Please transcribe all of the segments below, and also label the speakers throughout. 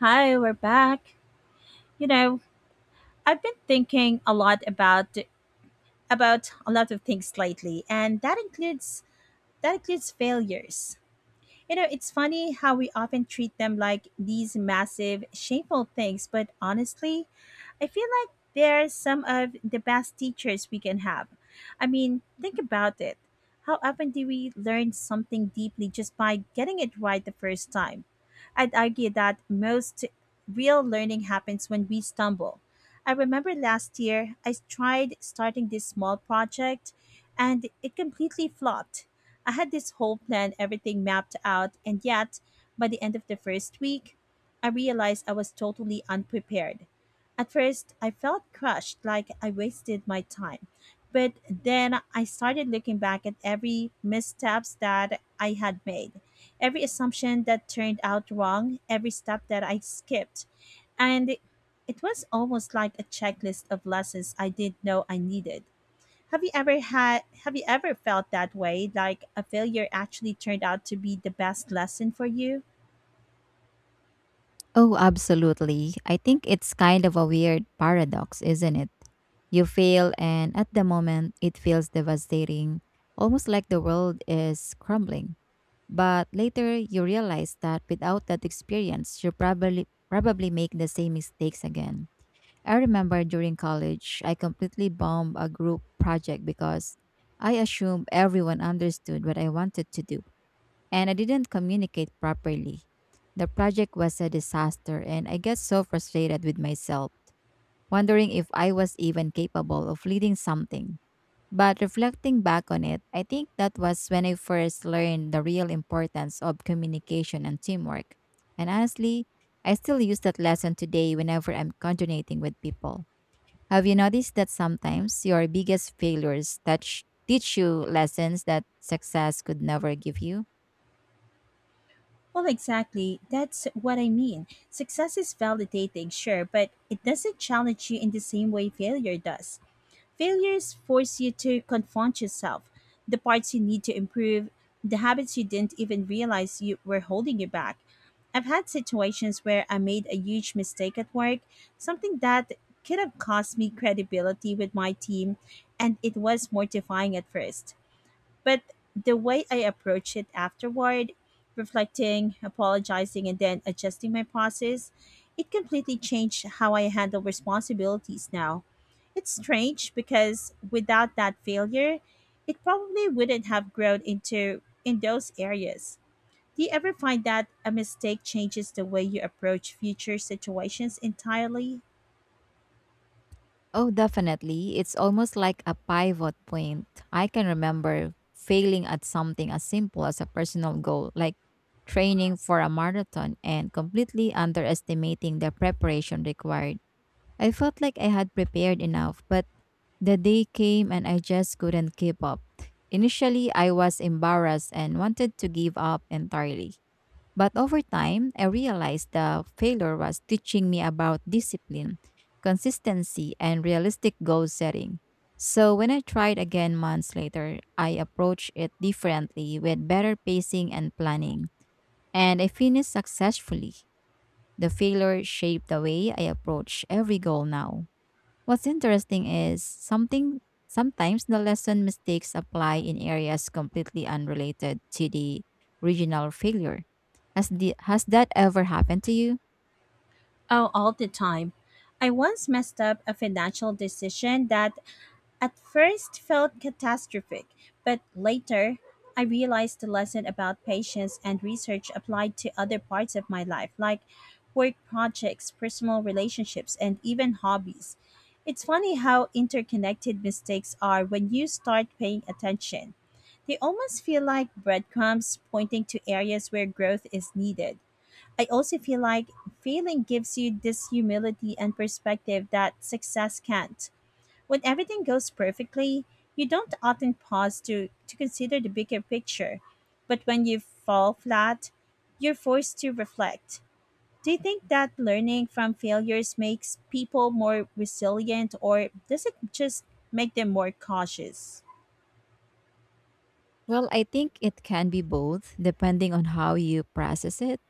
Speaker 1: Hi, we're back. You know, I've been thinking a lot about a lot of things lately, and that includes failures. You know, it's funny how we often treat them like these massive, shameful things, but honestly, I feel like they're some of the best teachers we can have. I mean, think about it. How often do we learn something deeply just by getting it right the first time? I'd argue that most real learning happens when we stumble. I remember last year I tried starting this small project and it completely flopped. I had this whole plan, everything mapped out, and yet, by the end of the first week, I realized I was totally unprepared. At first, I felt crushed, like I wasted my time. But then I started looking back at every missteps that I had made, every assumption that turned out wrong, every step that I skipped. And it was almost like a checklist of lessons I didn't know I needed. Have you ever felt that way, like a failure actually turned out to be the best lesson for you?
Speaker 2: Oh, absolutely. I think it's kind of a weird paradox, isn't it? You fail, and at the moment, it feels devastating, almost like the world is crumbling. But later, you realize that without that experience, you probably make the same mistakes again. I remember during college, I completely bombed a group project because I assumed everyone understood what I wanted to do and I didn't communicate properly. The project was a disaster, and I got so frustrated with myself, wondering if I was even capable of leading something. But reflecting back on it, I think that was when I first learned the real importance of communication and teamwork. And honestly, I still use that lesson today whenever I'm coordinating with people. Have you noticed that sometimes your biggest failures teach you lessons that success could never give you?
Speaker 1: Well, exactly. That's what I mean. Success is validating, sure, but it doesn't challenge you in the same way failure does. Failures force you to confront yourself, the parts you need to improve, the habits you didn't even realize you were holding you back. I've had situations where I made a huge mistake at work, something that could have cost me credibility with my team, and it was mortifying at first. But the way I approach it afterward, reflecting, apologizing, and then adjusting my process, it completely changed how I handle responsibilities now. It's strange because without that failure, it probably wouldn't have grown into in those areas. Do you ever find that a mistake changes the way you approach future situations entirely?
Speaker 2: Oh, definitely. It's almost like a pivot point. I can remember failing at something as simple as a personal goal, like training for a marathon, and completely underestimating the preparation required. I felt like I had prepared enough, but the day came and I just couldn't keep up. Initially, I was embarrassed and wanted to give up entirely. But over time, I realized the failure was teaching me about discipline, consistency, and realistic goal setting. So when I tried again months later, I approached it differently with better pacing and planning. And I finished successfully. The failure shaped the way I approach every goal now. What's interesting is something sometimes the lesson mistakes apply in areas completely unrelated to the regional failure. Has that ever happened to you?
Speaker 1: Oh, all the time. I once messed up a financial decision that at first felt catastrophic, but later I realized the lesson about patience and research applied to other parts of my life, like work projects, personal relationships, and even hobbies. It's funny how interconnected mistakes are when you start paying attention. They almost feel like breadcrumbs pointing to areas where growth is needed. I also feel like failing gives you this humility and perspective that success can't. When everything goes perfectly, you don't often pause to consider the bigger picture. But when you fall flat, you're forced to reflect. Do you think that learning from failures makes people more resilient, or does it just make them more cautious?
Speaker 2: Well, I think it can be both depending on how you process it.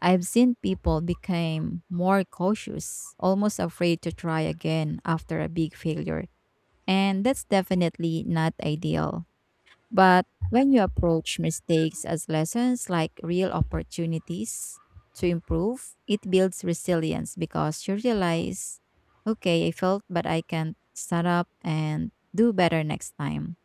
Speaker 2: I've seen people became more cautious, almost afraid to try again after a big failure, and that's definitely not ideal. But when you approach mistakes as lessons, like real opportunities to improve, it builds resilience because you realize, okay, I failed, but I can stand up and do better next time.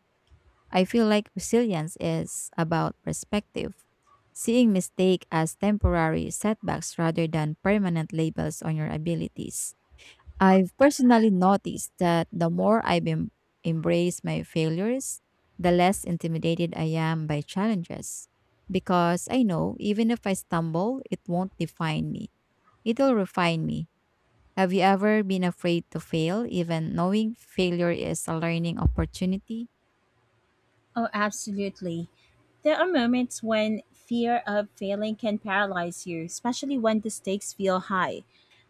Speaker 2: I feel like resilience is about perspective, seeing mistake as temporary setbacks rather than permanent labels on your abilities. I've personally noticed that the more I've embraced my failures, the less intimidated I am by challenges. Because I know even if I stumble, it won't define me, it'll refine me. Have you ever been afraid to fail, even knowing failure is a learning opportunity?
Speaker 1: Oh, absolutely. There are moments when fear of failing can paralyze you, especially when the stakes feel high.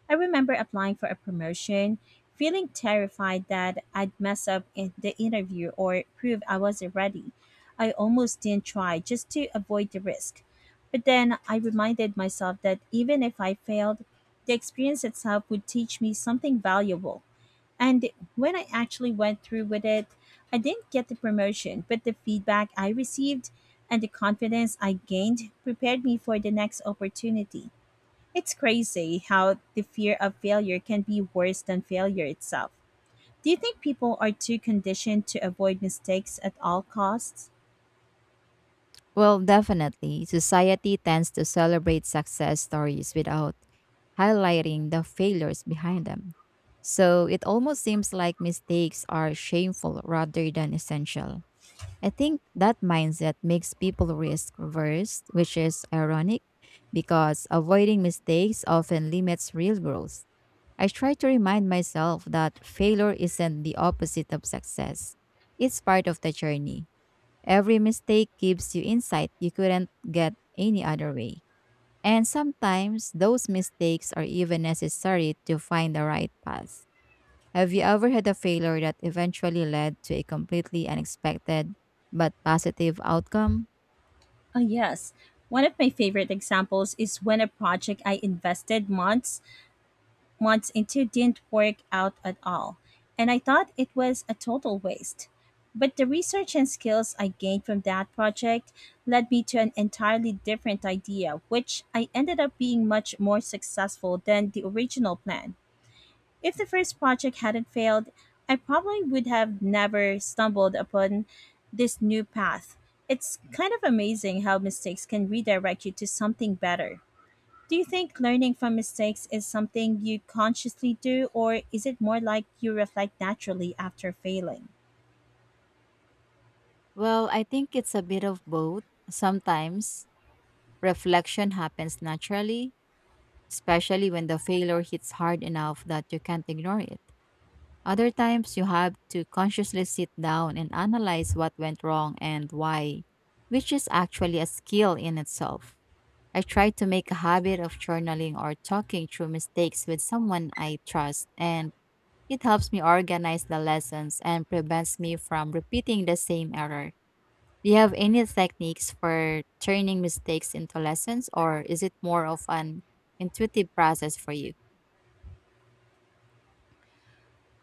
Speaker 1: I remember applying for a promotion, feeling terrified that I'd mess up in the interview or prove I wasn't ready. I almost didn't try just to avoid the risk. But then I reminded myself that even if I failed, the experience itself would teach me something valuable. And when I actually went through with it, I didn't get the promotion, but the feedback I received and the confidence I gained prepared me for the next opportunity. It's crazy how the fear of failure can be worse than failure itself. Do you think people are too conditioned to avoid mistakes at all costs?
Speaker 2: Well, definitely. Society tends to celebrate success stories without highlighting the failures behind them. So it almost seems like mistakes are shameful rather than essential. I think that mindset makes people risk averse, which is ironic because avoiding mistakes often limits real growth. I try to remind myself that failure isn't the opposite of success. It's part of the journey. Every mistake gives you insight you couldn't get any other way. And sometimes those mistakes are even necessary to find the right path. Have you ever had a failure that eventually led to a completely unexpected but positive outcome?
Speaker 1: Oh, yes. One of my favorite examples is when a project I invested months into didn't work out at all, and I thought it was a total waste. But the research and skills I gained from that project led me to an entirely different idea, which I ended up being much more successful than the original plan. If the first project hadn't failed, I probably would have never stumbled upon this new path. It's kind of amazing how mistakes can redirect you to something better. Do you think learning from mistakes is something you consciously do, or is it more like you reflect naturally after failing?
Speaker 2: Well, I think it's a bit of both. Sometimes reflection happens naturally, especially when the failure hits hard enough that you can't ignore it. Other times, you have to consciously sit down and analyze what went wrong and why, which is actually a skill in itself. I try to make a habit of journaling or talking through mistakes with someone I trust, and it helps me organize the lessons and prevents me from repeating the same error. Do you have any techniques for turning mistakes into lessons, or is it more of an intuitive process for you?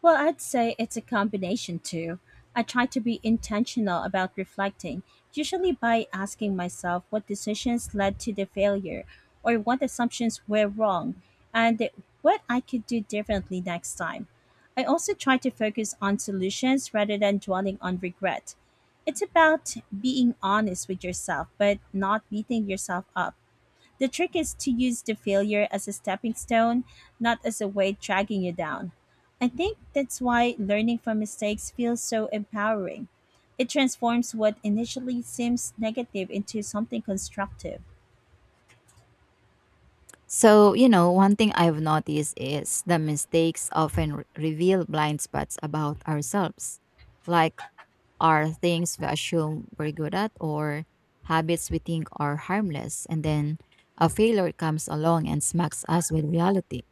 Speaker 1: Well, I'd say it's a combination too. I try to be intentional about reflecting, usually by asking myself what decisions led to the failure or what assumptions were wrong and what I could do differently next time. I also try to focus on solutions rather than dwelling on regret. It's about being honest with yourself, but not beating yourself up. The trick is to use the failure as a stepping stone, not as a weight dragging you down. I think that's why learning from mistakes feels so empowering. It transforms what initially seems negative into something constructive.
Speaker 2: So, you know, one thing I've noticed is the mistakes often reveal blind spots about ourselves, like are things we assume we're good at or habits we think are harmless. And then a failure comes along and smacks us with reality.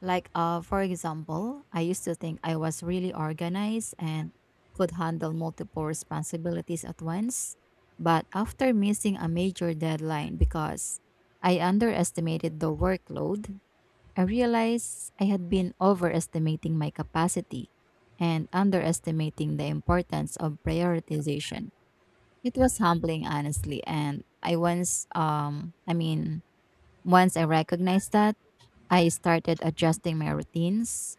Speaker 2: Like, for example, I used to think I was really organized and could handle multiple responsibilities at once. But after missing a major deadline because I underestimated the workload, I realized I had been overestimating my capacity and underestimating the importance of prioritization. It was humbling, honestly, and I once, I mean, once I recognized that, I started adjusting my routines,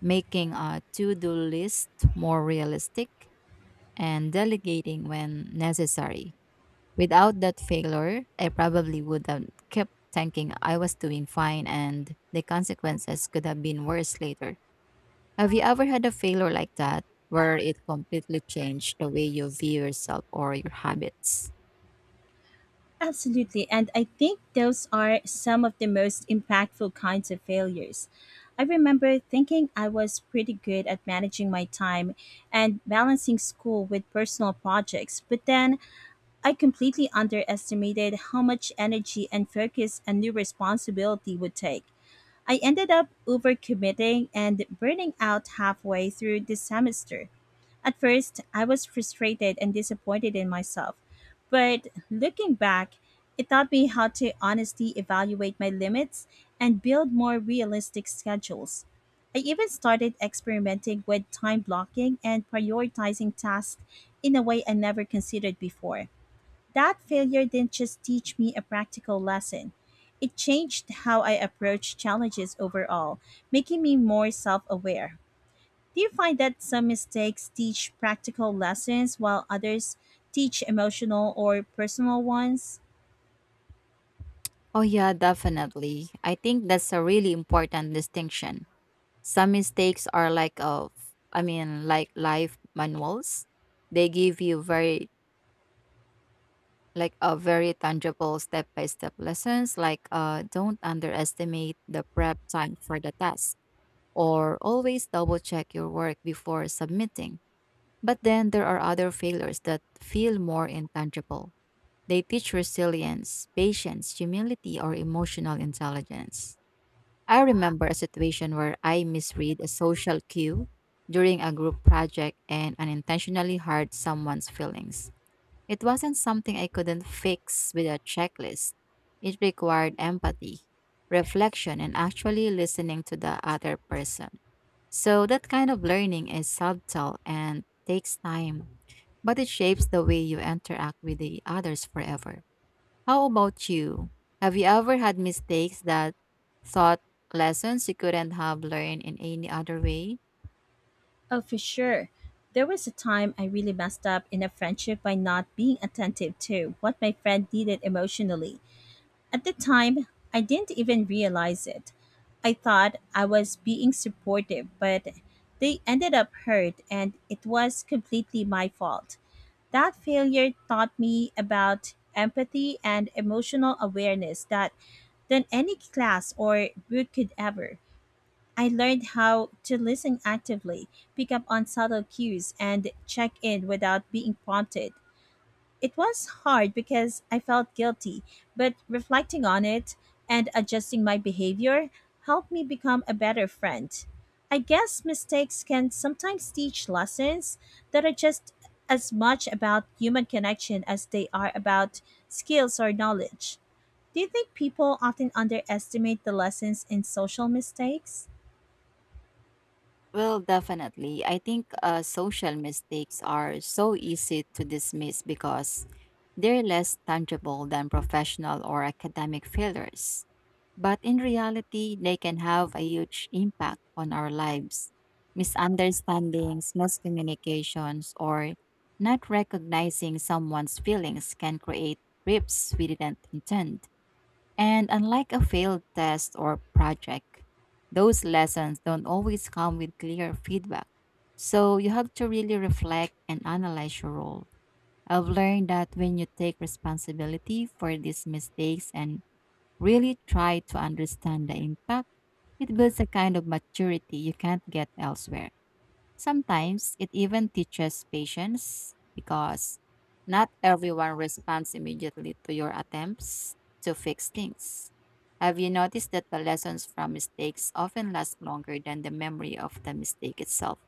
Speaker 2: making a to-do list more realistic, and delegating when necessary. Without that failure, I probably would have kept thinking I was doing fine and the consequences could have been worse later. Have you ever had a failure like that where it completely changed the way you view yourself or your habits?
Speaker 1: Absolutely, and I think those are some of the most impactful kinds of failures. I remember thinking I was pretty good at managing my time and balancing school with personal projects, but then I completely underestimated how much energy and focus a new responsibility would take. I ended up overcommitting and burning out halfway through the semester. At first, I was frustrated and disappointed in myself, but looking back, it taught me how to honestly evaluate my limits and build more realistic schedules. I even started experimenting with time blocking and prioritizing tasks in a way I never considered before. That failure didn't just teach me a practical lesson, it changed how I approach challenges overall, making me more self aware. Do you find that some mistakes teach practical lessons while others teach emotional or personal ones?
Speaker 2: Oh, yeah, definitely. I think that's a really important distinction. Some mistakes are like life manuals. They give you very like a very tangible step-by-step lessons like don't underestimate the prep time for the task or always double check your work before submitting. But then there are other failures that feel more intangible. They teach resilience, patience, humility, or emotional intelligence. I remember a situation where I misread a social cue during a group project and unintentionally hurt someone's feelings. It wasn't something I couldn't fix with a checklist. It required empathy, reflection, and actually listening to the other person. So that kind of learning is subtle and takes time, but it shapes the way you interact with the others forever. How about you? Have you ever had mistakes that thought lessons you couldn't have learned in any other way?
Speaker 1: Oh, for sure. There was a time I really messed up in a friendship by not being attentive to what my friend needed emotionally. At the time, I didn't even realize it. I thought I was being supportive, but they ended up hurt and it was completely my fault. That failure taught me about empathy and emotional awareness that than any class or book could ever. I learned how to listen actively, pick up on subtle cues, and check in without being prompted. It was hard because I felt guilty, but reflecting on it and adjusting my behavior helped me become a better friend. I guess mistakes can sometimes teach lessons that are just as much about human connection as they are about skills or knowledge. Do you think people often underestimate the lessons in social mistakes?
Speaker 2: Well, definitely. I think social mistakes are so easy to dismiss because they're less tangible than professional or academic failures, but in reality, they can have a huge impact on our lives. Misunderstandings, miscommunications, or not recognizing someone's feelings can create rifts we didn't intend. And unlike a failed test or project, those lessons don't always come with clear feedback. So you have to really reflect and analyze your role. I've learned that when you take responsibility for these mistakes and really try to understand the impact, it builds a kind of maturity you can't get elsewhere. Sometimes it even teaches patience because not everyone responds immediately to your attempts to fix things. Have you noticed that the lessons from mistakes often last longer than the memory of the mistake itself?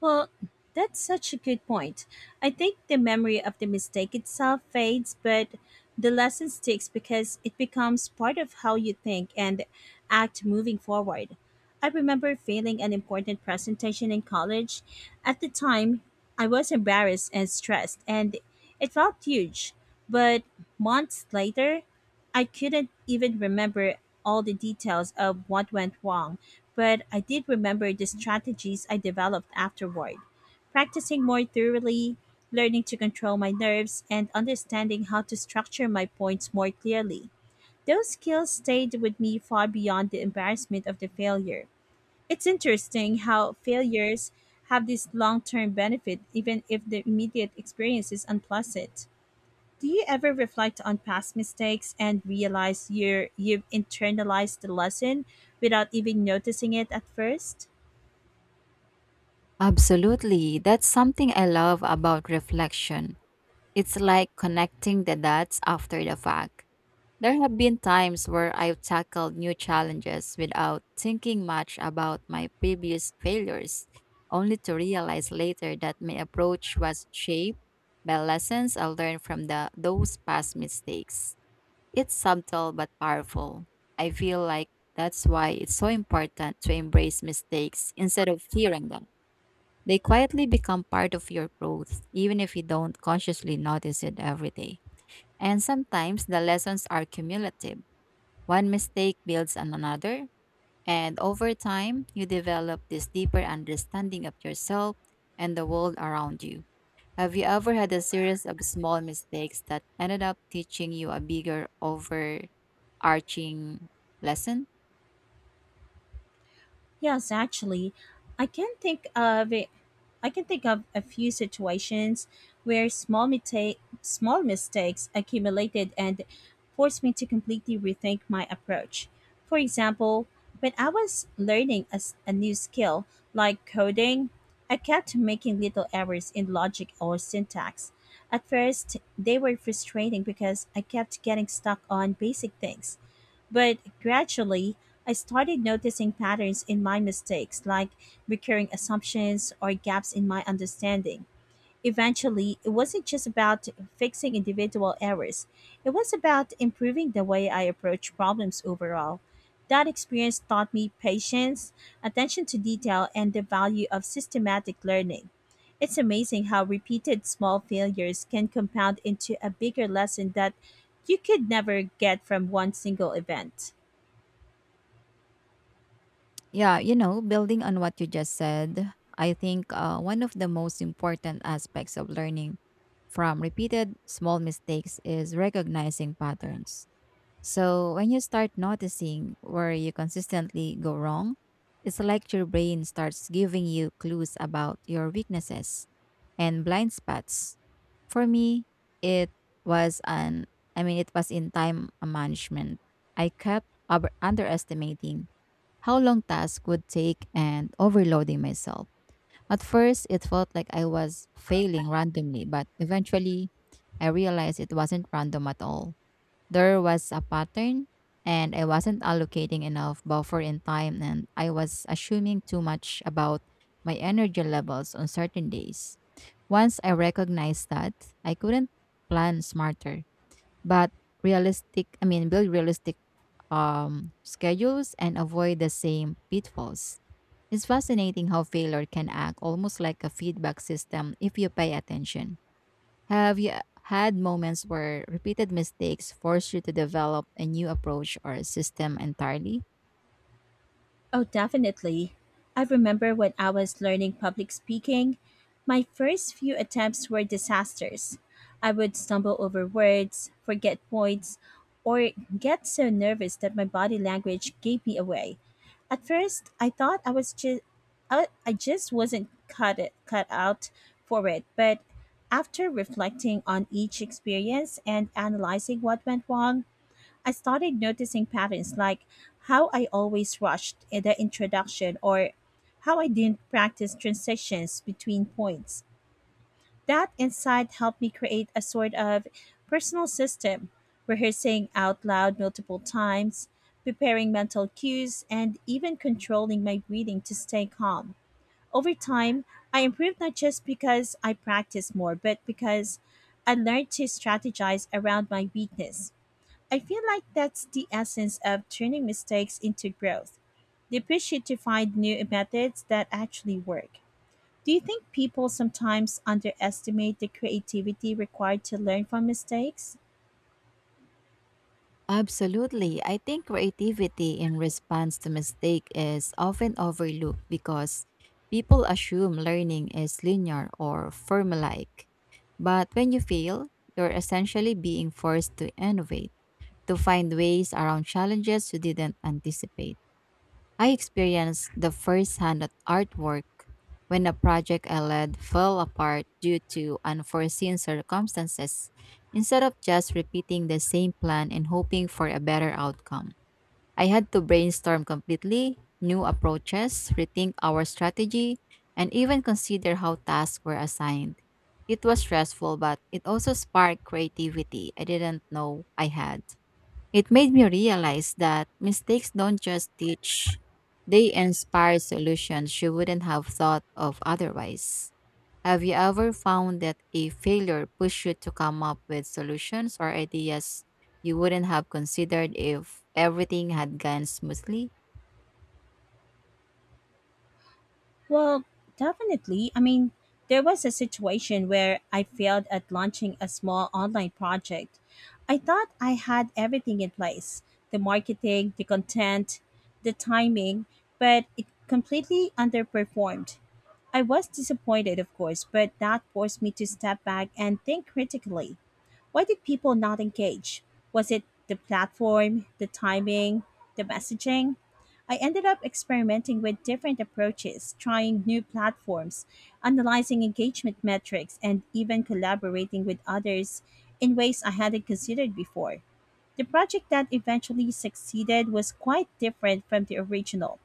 Speaker 1: Well, that's such a good point. I think the memory of the mistake itself fades, but the lesson sticks because it becomes part of how you think and act moving forward. I remember failing an important presentation in college. At the time, I was embarrassed and stressed, and it felt huge. But months later, I couldn't even remember all the details of what went wrong, but I did remember the strategies I developed afterward. Practicing more thoroughly, learning to control my nerves, and understanding how to structure my points more clearly. Those skills stayed with me far beyond the embarrassment of the failure. It's interesting how failures have this long term benefit, even if the immediate experience is unpleasant. Do you ever reflect on past mistakes and realize you've internalized the lesson without even noticing it at first?
Speaker 2: Absolutely. That's something I love about reflection. It's like connecting the dots after the fact. There have been times where I've tackled new challenges without thinking much about my previous failures, only to realize later that my approach was shaped by lessons I learned from those past mistakes. It's subtle but powerful. I feel like that's why it's so important to embrace mistakes instead of fearing them. They quietly become part of your growth, even if you don't consciously notice it every day. And sometimes the lessons are cumulative. One mistake builds on another, and over time, you develop this deeper understanding of yourself and the world around you. Have you ever had a series of small mistakes that ended up teaching you a bigger, overarching lesson?
Speaker 1: Yes, actually, I can think of it. I can think of a few situations where small mistakes accumulated and forced me to completely rethink my approach. For example, when I was learning a new skill like coding, I kept making little errors in logic or syntax. At first, they were frustrating because I kept getting stuck on basic things, but gradually, I started noticing patterns in my mistakes, like recurring assumptions or gaps in my understanding. Eventually, it wasn't just about fixing individual errors, it was about improving the way I approach problems overall. That experience taught me patience, attention to detail, and the value of systematic learning. It's amazing how repeated small failures can compound into a bigger lesson that you could never get from one single event.
Speaker 2: Yeah, you know, building on what you just said, I think one of the most important aspects of learning from repeated small mistakes is recognizing patterns. So, when you start noticing where you consistently go wrong, it's like your brain starts giving you clues about your weaknesses and blind spots. For me, it was an it was in time management. I kept underestimating how long tasks would take and overloading myself. At first, it felt like I was failing randomly, but eventually, I realized it wasn't random at all. There was a pattern, and I wasn't allocating enough buffer in time, and I was assuming too much about my energy levels on certain days. Once I recognized that, I couldn't plan smarter, but build realistic schedules and avoid the same pitfalls. It's fascinating how failure can act almost like a feedback system if you pay attention. Have you had moments where repeated mistakes force you to develop a new approach or system entirely?
Speaker 1: Oh, definitely. I remember when I was learning public speaking, my first few attempts were disasters. I would stumble over words, forget points, or get so nervous that my body language gave me away. At first, I thought I was just I just wasn't cut out for it, but after reflecting on each experience and analyzing what went wrong, I started noticing patterns like how I always rushed in the introduction or how I didn't practice transitions between points. That insight helped me create a sort of personal system, rehearsing out loud multiple times, preparing mental cues, and even controlling my breathing to stay calm. Over time, I improved not just because I practiced more, but because I learned to strategize around my weakness. I feel like that's the essence of turning mistakes into growth. They push you to find new methods that actually work. Do you think people sometimes underestimate the creativity required to learn from mistakes?
Speaker 2: Absolutely. I think creativity in response to mistake is often overlooked because people assume learning is linear or formulaic. But when you fail, you're essentially being forced to innovate, to find ways around challenges you didn't anticipate. I experienced the first hand artwork when a project I led fell apart due to unforeseen circumstances. Instead of just repeating the same plan and hoping for a better outcome, I had to brainstorm completely new approaches, rethink our strategy, and even consider how tasks were assigned. It was stressful, but it also sparked creativity I didn't know I had. It made me realize that mistakes don't just teach, they inspire solutions you wouldn't have thought of otherwise. Have you ever found that a failure pushed you to come up with solutions or ideas you wouldn't have considered if everything had gone smoothly?
Speaker 1: Well, definitely. I mean, there was a situation where I failed at launching a small online project. I thought I had everything in place, the marketing, the content, the timing, but it completely underperformed. I was disappointed, of course, but that forced me to step back and think critically. Why did people not engage? Was it the platform, the timing, the messaging? I ended up experimenting with different approaches, trying new platforms, analyzing engagement metrics, and even collaborating with others in ways I hadn't considered before. The project that eventually succeeded was quite different from the original.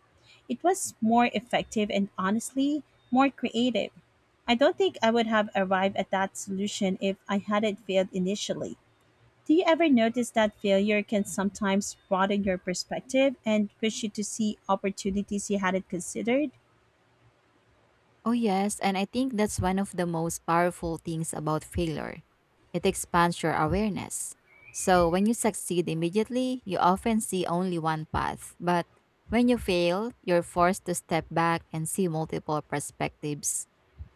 Speaker 1: It was more effective and honestly, more creative. I don't think I would have arrived at that solution if I hadn't failed initially. Do you ever notice that failure can sometimes broaden your perspective and push you to see opportunities you hadn't considered?
Speaker 2: Oh, yes, and I think that's one of the most powerful things about failure. It expands your awareness. So, when you succeed immediately, you often see only one path. But when you fail, you're forced to step back and see multiple perspectives.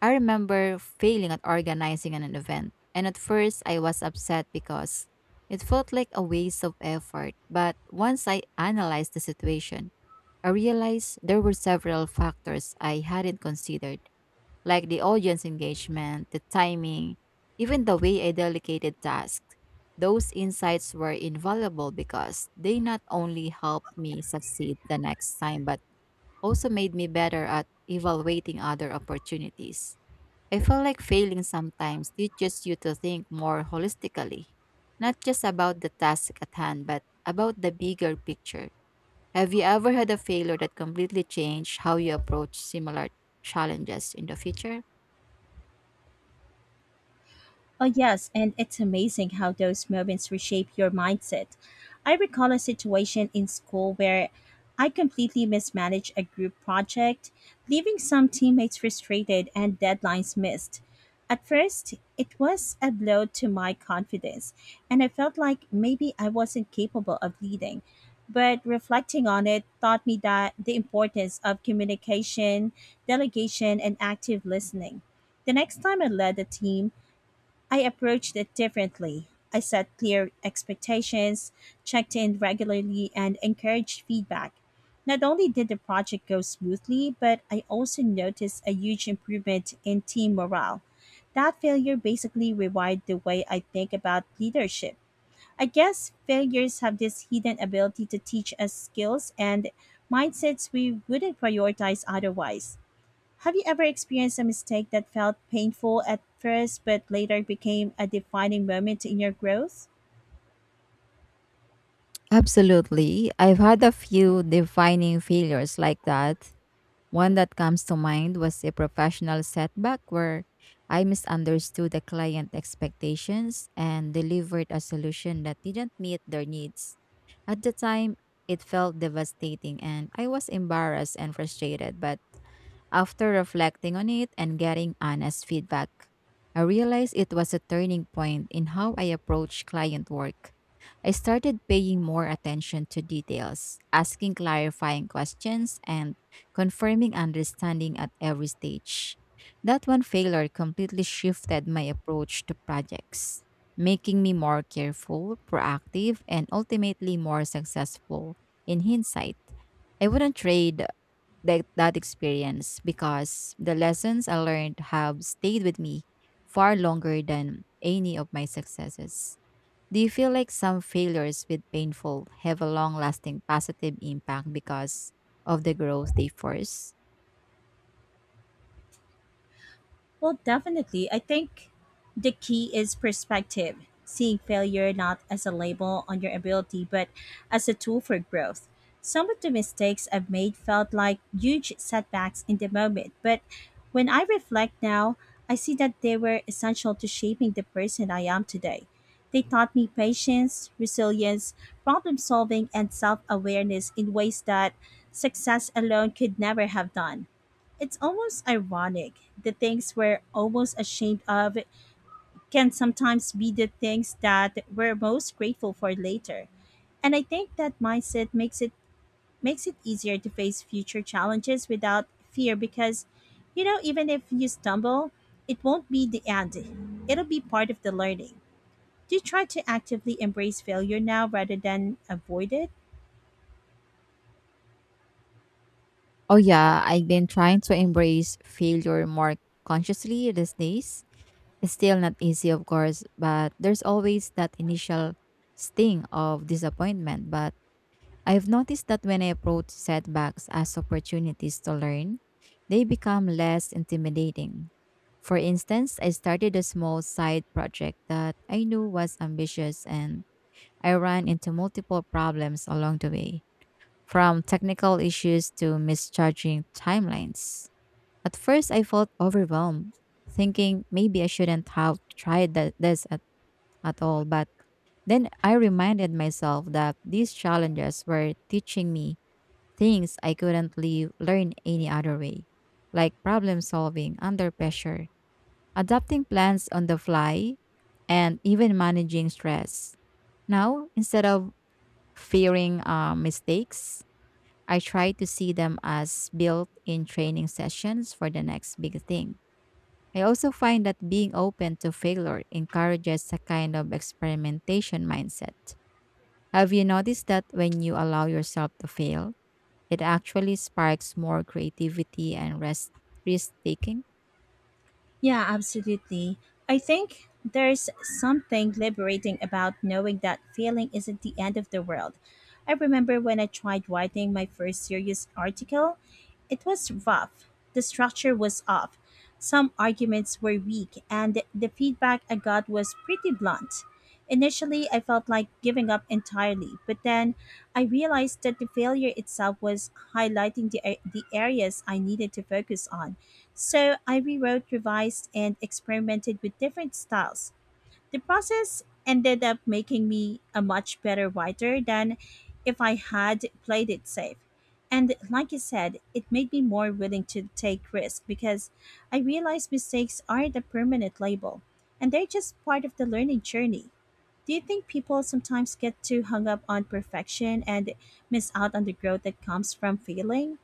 Speaker 2: I remember failing at organizing an event, and at first I was upset because it felt like a waste of effort. But once I analyzed the situation, I realized there were several factors I hadn't considered like the audience engagement, the timing, even the way I delegated tasks. Those insights were invaluable because they not only helped me succeed the next time, but also made me better at evaluating other opportunities. I feel like failing sometimes teaches you to think more holistically, not just about the task at hand, but about the bigger picture. Have you ever had a failure that completely changed how you approach similar challenges in the future?
Speaker 1: Oh, yes, and it's amazing how those moments reshape your mindset. I recall a situation in school where I completely mismanaged a group project, leaving some teammates frustrated and deadlines missed. At first, it was a blow to my confidence, and I felt like maybe I wasn't capable of leading. But reflecting on it taught me that the importance of communication, delegation, and active listening. The next time I led a team, I approached it differently. I set clear expectations, checked in regularly, and encouraged feedback. Not only did the project go smoothly, but I also noticed a huge improvement in team morale. That failure basically rewired the way I think about leadership. I guess failures have this hidden ability to teach us skills and mindsets we wouldn't prioritize otherwise. Have you ever experienced a mistake that felt painful at first but later became a defining moment in your growth?
Speaker 2: Absolutely. I've had a few defining failures like that. One that comes to mind was a professional setback where I misunderstood the client expectations and delivered a solution that didn't meet their needs. At the time, it felt devastating and I was embarrassed and frustrated, but after reflecting on it and getting honest feedback, I realized it was a turning point in how I approach client work. I started paying more attention to details, asking clarifying questions, and confirming understanding at every stage. That one failure completely shifted my approach to projects, making me more careful, proactive, and ultimately more successful in hindsight. I wouldn't trade that experience because the lessons I learned have stayed with me far longer than any of my successes. Do you feel like some failures with painful have a long lasting positive impact because of the growth they force?
Speaker 1: Well, definitely. I think the key is perspective, seeing failure not as a label on your ability, but as a tool for growth. Some of the mistakes I've made felt like huge setbacks in the moment, but when I reflect now, I see that they were essential to shaping the person I am today. They taught me patience, resilience, problem solving, and self awareness in ways that success alone could never have done. It's almost ironic. The things we're almost ashamed of can sometimes be the things that we're most grateful for later. And I think that mindset makes it easier to face future challenges without fear because you know even if you stumble, it won't be the end. It'll be part of the learning. Do you try to actively embrace failure now rather than avoid it?
Speaker 2: Oh, yeah, I've been trying to embrace failure more consciously these days. It's still not easy, of course, but there's always that initial sting of disappointment. But I've noticed that when I approach setbacks as opportunities to learn, they become less intimidating. For instance, I started a small side project that I knew was ambitious and I ran into multiple problems along the way, from technical issues to misjudging timelines. At first, I felt overwhelmed, thinking maybe I shouldn't have tried this at all, but then I reminded myself that these challenges were teaching me things I couldn't learn any other way, like problem solving under pressure, adapting plans on the fly, and even managing stress. Now, instead of fearing mistakes, I try to see them as built in training sessions for the next big thing. I also find that being open to failure encourages a kind of experimentation mindset. Have you noticed that when you allow yourself to fail, it actually sparks more creativity and risk taking.
Speaker 1: Yeah, absolutely. I think there's something liberating about knowing that failing isn't the end of the world. I remember when I tried writing my first serious article, it was rough. The structure was off. Some arguments were weak, and the feedback I got was pretty blunt. Initially, I felt like giving up entirely, but then I realized that the failure itself was highlighting the areas I needed to focus on. So I rewrote, revised, and experimented with different styles. The process ended up making me a much better writer than if I had played it safe. And like you said, it made me more willing to take risks because I realized mistakes aren't a permanent label and they're just part of the learning journey. Do you think people sometimes get too hung up on perfection and miss out on the growth that comes from failing?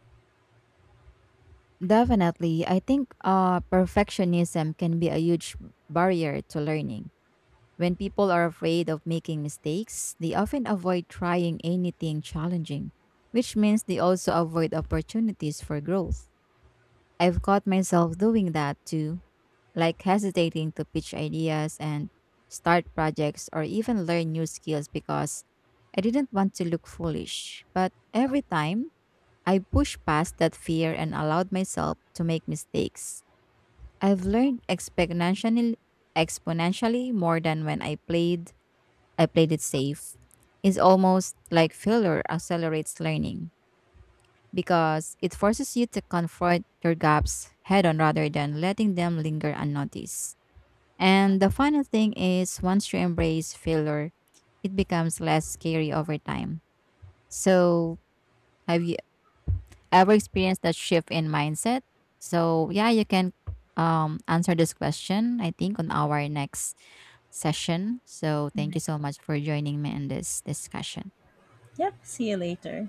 Speaker 2: Definitely. I think perfectionism can be a huge barrier to learning. When people are afraid of making mistakes, they often avoid trying anything challenging, which means they also avoid opportunities for growth. I've caught myself doing that too, like hesitating to pitch ideas and start projects or even learn new skills because I didn't want to look foolish. But every time I pushed past that fear and allowed myself to make mistakes, I've learned exponentially more than when I played it safe. It's almost like failure accelerates learning because it forces you to confront your gaps head on rather than letting them linger unnoticed. And the final thing is once you embrace failure, it becomes less scary over time. So, have you ever experienced that shift in mindset? So, yeah, you can answer this question, I think, on our next session. So, thank you so much for joining me in this discussion.
Speaker 1: Yep, see you later.